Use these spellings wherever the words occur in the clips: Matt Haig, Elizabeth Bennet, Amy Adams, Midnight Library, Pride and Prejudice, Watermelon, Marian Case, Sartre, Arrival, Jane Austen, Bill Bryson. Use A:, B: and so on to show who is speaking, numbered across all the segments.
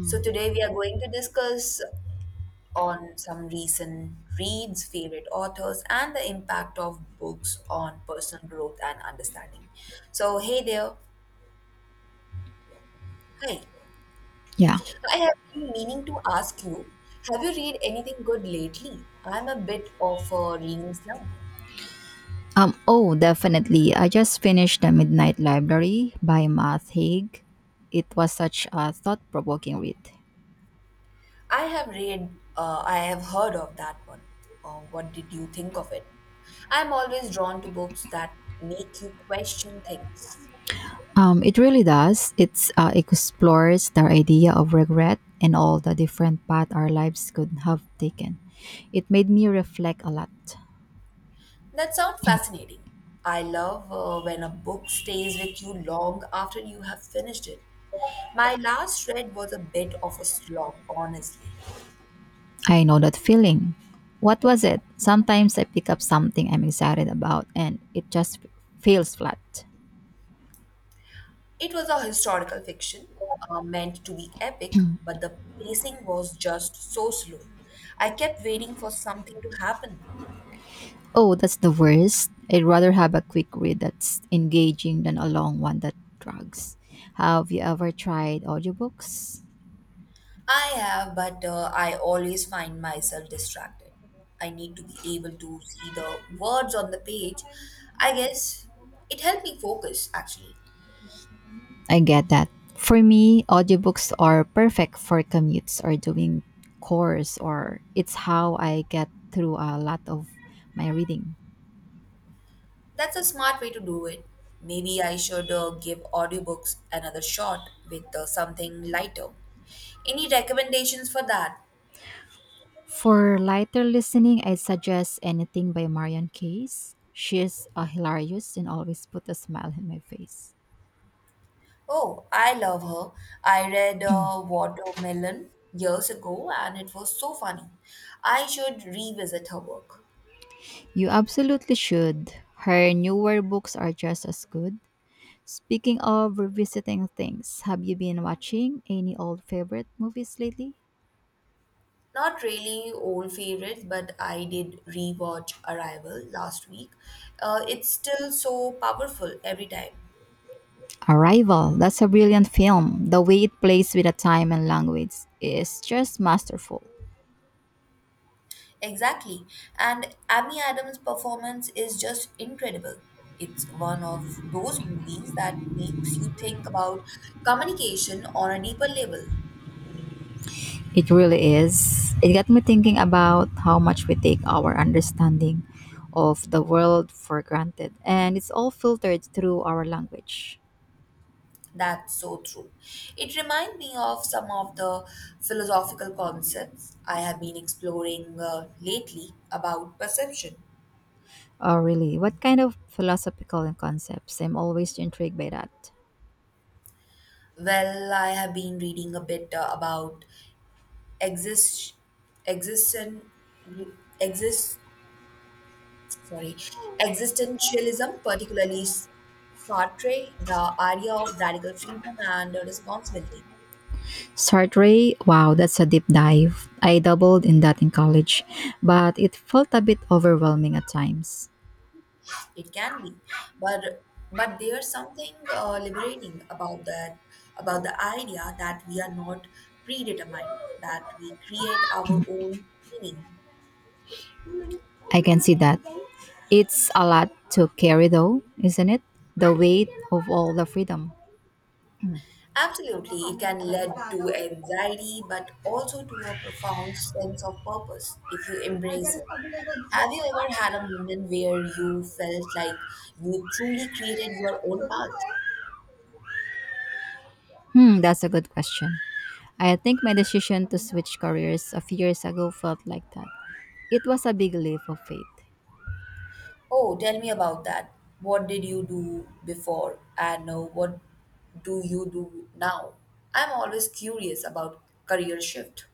A: So today we are going to discuss on some recent reads, favorite authors, and the impact of books on personal growth and understanding. So hey there. Hi.
B: Yeah.
A: I have been meaning to ask you, have you read anything good lately? I'm a bit of a reading slump.
B: Oh, definitely. I just finished The Midnight Library by Matt Haig. It was such a thought provoking read.
A: I have read, I have heard of that one. What did you think of it? I'm always drawn to books that make you question things.
B: It really does. It's explores the idea of regret and all the different paths our lives could have taken. It made me reflect a lot.
A: That sounds fascinating. I love when a book stays with you long after you have finished it. My last read was a bit of a slog, honestly.
B: I know that feeling. What was it? Sometimes I pick up something I'm excited about and it just feels flat.
A: It was a historical fiction, meant to be epic, but the pacing was just so slow. I kept waiting for something to happen.
B: Oh, that's the worst. I'd rather have a quick read that's engaging than a long one that drags. Have you ever tried audiobooks?
A: I have, but I always find myself distracted. I need to be able to see the words on the page. I guess it helped me focus, actually.
B: I get that. For me, audiobooks are perfect for commutes or doing chores, or it's how I get through a lot of my reading.
A: That's a smart way to do it. Maybe I should give audiobooks another shot with something lighter. Any recommendations for that?
B: For lighter listening, I suggest anything by Marian Case. She's hilarious and always put a smile in my face.
A: Oh, I love her. I read Watermelon years ago and it was so funny. I should revisit her work.
B: You absolutely should. Her newer books are just as good. Speaking of revisiting things, have you been watching any old favorite movies lately?
A: Not really old favorites, but I did rewatch Arrival last week. It's still so powerful every time.
B: Arrival, that's a brilliant film. The way it plays with the time and language is just masterful.
A: Exactly. And Amy Adams' performance is just incredible. It's one of those movies that makes you think about communication on a deeper level.
B: It really is. It got me thinking about how much we take our understanding of the world for granted, and it's all filtered through our language.
A: That's so true. It reminds me of some of the philosophical concepts I have been exploring lately about perception.
B: Oh, really? What kind of philosophical concepts? I'm always intrigued by that.
A: Well, I have been reading a bit about exist, existen, exist, sorry, existentialism, particularly Sartre, the idea of radical freedom and responsibility.
B: Sartre, wow, that's a deep dive. I doubled in that in college, but it felt a bit overwhelming at times.
A: It can be, but there's something liberating about that, about the idea that we are not predetermined, that we create our own meaning.
B: I can see that. It's a lot to carry, though, isn't it? The weight of all the freedom.
A: Absolutely, it can lead to anxiety, but also to a profound sense of purpose if you embrace it. Have you ever had a moment where you felt like you truly created your own path?
B: Hmm, that's a good question. I think my decision to switch careers a few years ago felt like that. It was a big leap of faith.
A: Oh, tell me about that. What did you do before, and what do you do now? I'm always curious about career shift.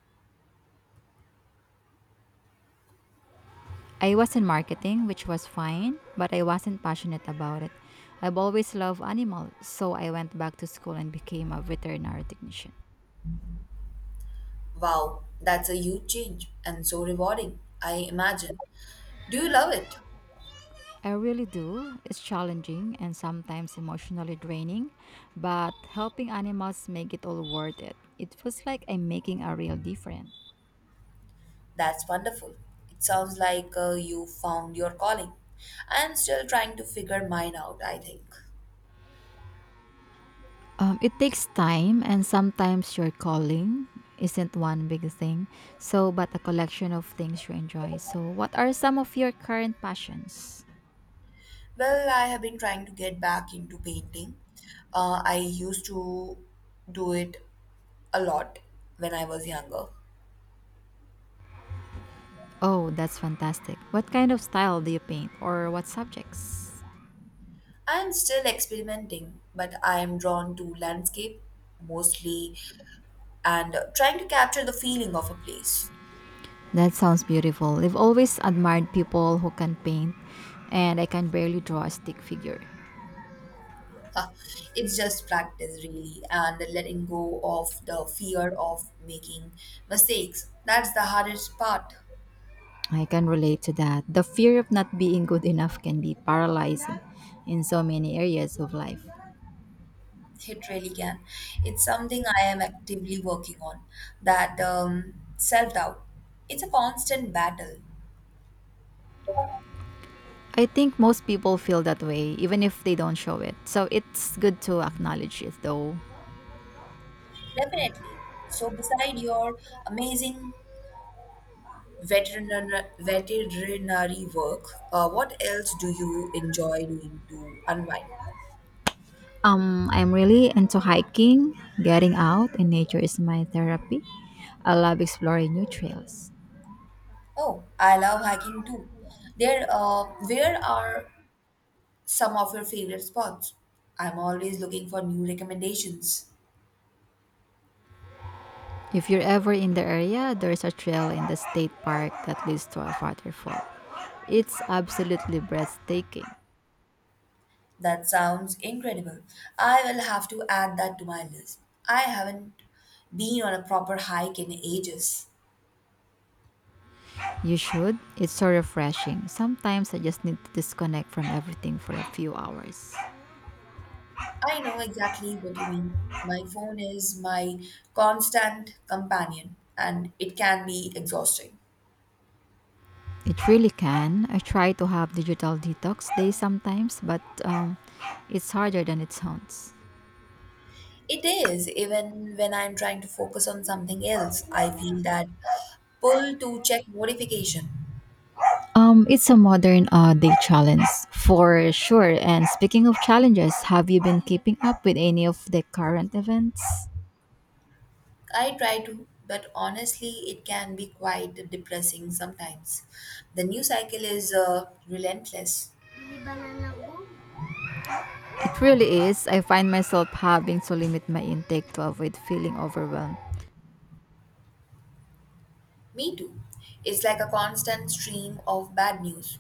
B: I was in marketing, which was fine, but I wasn't passionate about it. I've always loved animals, so I went back to school and became a veterinary technician.
A: Wow, that's a huge change and so rewarding, I imagine. Do you love it?
B: I really do. It's challenging and sometimes emotionally draining, but helping animals make it all worth it. It feels like I'm making a real difference.
A: That's wonderful. It sounds like you found your calling. I'm still trying to figure mine out, I think.
B: It takes time, and sometimes your calling isn't one big thing, so but a collection of things you enjoy. So, what are some of your current passions?
A: Well, I have been trying to get back into painting. I used to do it a lot when I was younger.
B: Oh, that's fantastic. What kind of style do you paint or what subjects?
A: I am still experimenting, but I am drawn to landscape mostly and trying to capture the feeling of a place.
B: That sounds beautiful. I've always admired people who can paint, and I can barely draw a stick figure.
A: Huh. It's just practice, really, and letting go of the fear of making mistakes. That's the hardest part.
B: I can relate to that. The fear of not being good enough can be paralyzing in so many areas of life.
A: It really can. It's something I am actively working on. That self doubt. It's a constant battle.
B: I think most people feel that way, even if they don't show it. So it's good to acknowledge it, though.
A: Definitely. So, beside your amazing veterinary work, what else do you enjoy doing to unwind?
B: I'm really into hiking, getting out, and nature is my therapy. I love exploring new trails.
A: Oh, I love hiking too. There, where are some of your favorite spots. I'm always looking for new recommendations.
B: If you're ever in the area, there's a trail in the state park that leads to a waterfall. It's absolutely breathtaking.
A: That sounds incredible. I will have to add that to my list. I haven't been on a proper hike in ages.
B: You should. It's so refreshing. Sometimes I just need to disconnect from everything for a few hours.
A: I know exactly what you mean. My phone is my constant companion, and it can be exhausting.
B: It really can. I try to have digital detox days sometimes, but it's harder than it sounds.
A: It is, even when I'm trying to focus on something else, I feel that pull to check notification.
B: It's a modern day challenge for sure. And speaking of challenges, have you been keeping up with any of the current events?
A: I try to, but honestly, it can be quite depressing sometimes. The news cycle is relentless.
B: It really is. I find myself having to limit my intake to avoid feeling overwhelmed.
A: Me too. It's like a constant stream of bad news.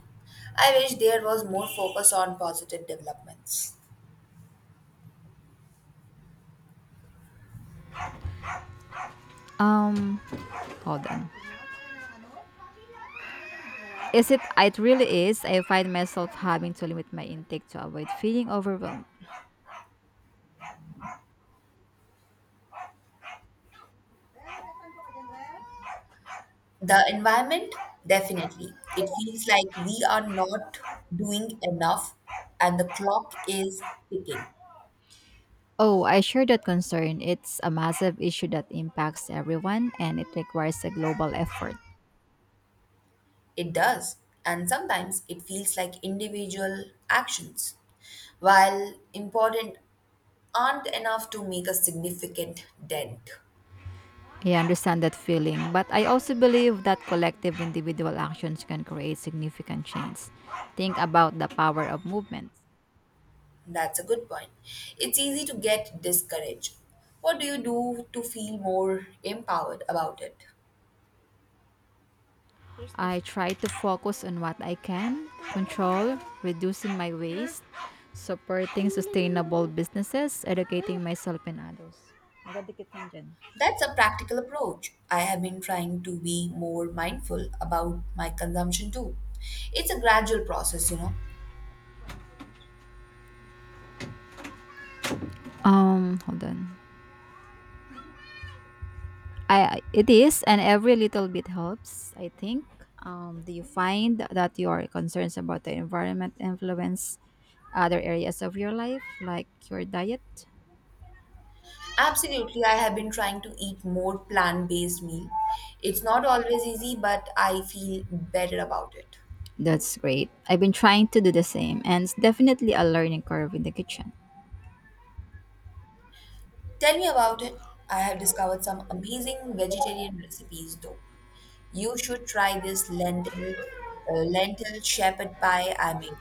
A: I wish there was more focus on positive developments.
B: Um, hold on. Is it? It really is. I find myself having to limit my intake to avoid feeling overwhelmed.
A: The environment, definitely. It feels like we are not doing enough and the clock is ticking.
B: Oh, I share that concern. It's a massive issue that impacts everyone and it requires a global effort.
A: It does. And sometimes it feels like individual actions, while important aren't enough to make a significant dent.
B: I understand that feeling, but I also believe that collective individual actions can create significant change. Think about the power of movement.
A: That's a good point. It's easy to get discouraged. What do you do to feel more empowered about it?
B: I try to focus on what I can control, reducing my waste, supporting sustainable businesses, educating myself and others. Magdadikit lang dyan.
A: That's a practical approach. I have been trying to be more mindful about my consumption too. It's a gradual process, you know.
B: Hold on. I- it is, and every little bit helps, I think. Do you find that your concerns about the environment influence other areas of your life, like your diet?
A: Absolutely, I have been trying to eat more plant based meal. It's not always easy, but I feel better about it.
B: That's great. I've been trying to do the same, and it's definitely a learning curve in the kitchen.
A: Tell me about it. I have discovered some amazing vegetarian recipes though. You should try this lentil lentil shepherd pie I made.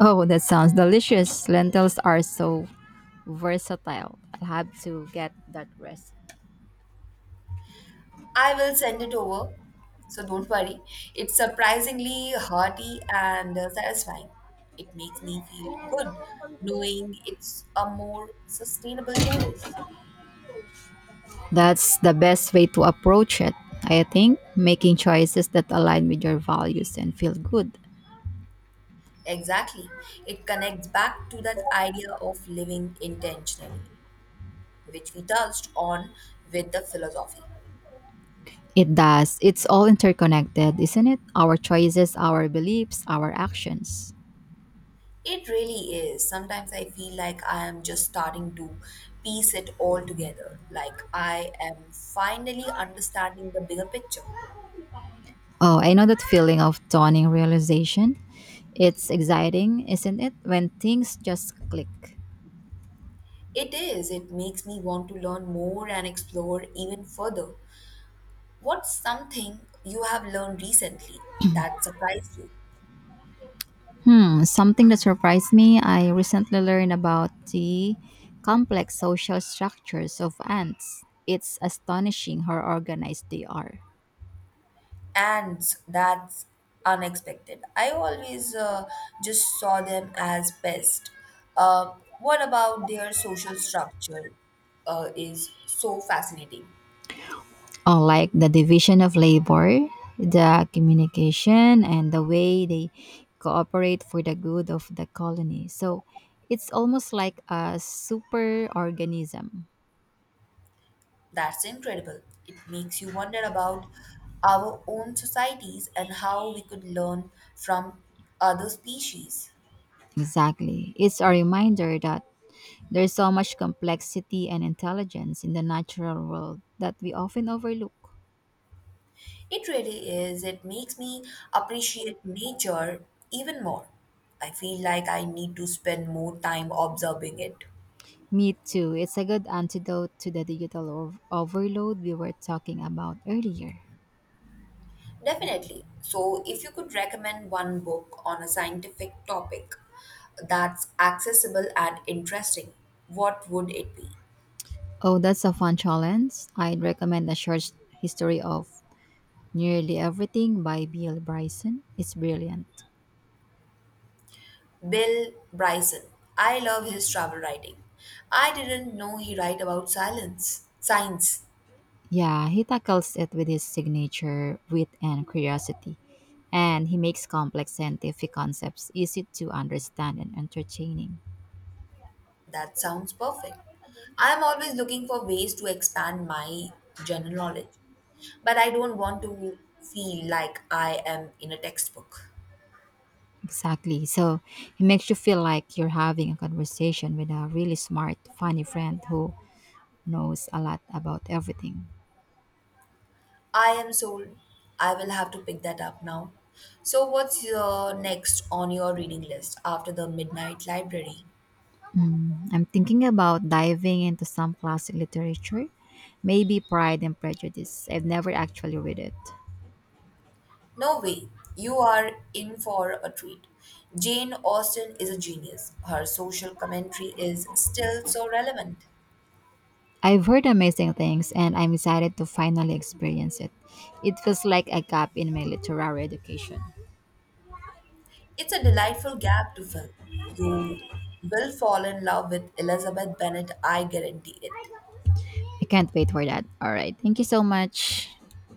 B: Oh, that sounds delicious. Lentils are so versatile. I'll have to get that recipe.
A: I will send it over, so don't worry. It's surprisingly hearty and satisfying. It makes me feel good knowing it's a more sustainable choice.
B: That's the best way to approach it, I think. Making choices that align with your values and feel good.
A: Exactly. It connects back to that idea of living intentionally, which we touched on with the philosophy.
B: It does. It's all interconnected, isn't it? Our choices, our beliefs, our actions.
A: It really is. Sometimes I feel like I am just starting to piece it all together. Like I am finally understanding the bigger picture.
B: Oh, I know that feeling of dawning realization. It's exciting, isn't it? When things just click.
A: It is. It makes me want to learn more and explore even further. What's something you have learned recently that surprised you?
B: Hmm, something that surprised me, I recently learned about the complex social structures of ants. It's astonishing how organized they are.
A: And that's unexpected. I always just saw them as pest. What about their social structure is so fascinating?
B: Oh, like the division of labor, the communication, and the way they cooperate for the good of the colony. So it's almost like a super organism.
A: That's incredible. It makes you wonder about our own societies and how we could learn from other species.
B: Exactly. It's a reminder that there's so much complexity and intelligence in the natural world that we often overlook.
A: It really is. It makes me appreciate nature even more. I feel like I need to spend more time observing it.
B: Me too. It's a good antidote to the digital overload we were talking about earlier.
A: Definitely. So, if you could recommend one book on a scientific topic that's accessible and interesting, what would it be?
B: Oh, that's a fun challenge. I'd recommend a short history of Nearly Everything by Bill Bryson. It's brilliant.
A: Bill Bryson. I love his travel writing. I didn't know he write about silence. Science.
B: Yeah, he tackles it with his signature wit and curiosity, and he makes complex scientific concepts easy to understand and entertaining.
A: That sounds perfect. I am always looking for ways to expand my general knowledge, but I don't want to feel like I am in a textbook.
B: Exactly. So, it makes you feel like you're having a conversation with a really smart, funny friend who knows a lot about everything.
A: I am sold. I will have to pick that up now. So, what's your next on your reading list after the Midnight Library?
B: Mm, I'm thinking about diving into some classic literature, maybe Pride and Prejudice. I've never actually read it.
A: No way. You are in for a treat. Jane Austen is a genius. Her social commentary is still so relevant.
B: I've heard amazing things and I'm excited to finally experience it. It feels like a gap in my literary education.
A: It's a delightful gap to fill. You will fall in love with Elizabeth Bennet, I guarantee it.
B: I can't wait for that. All right. Thank you so much.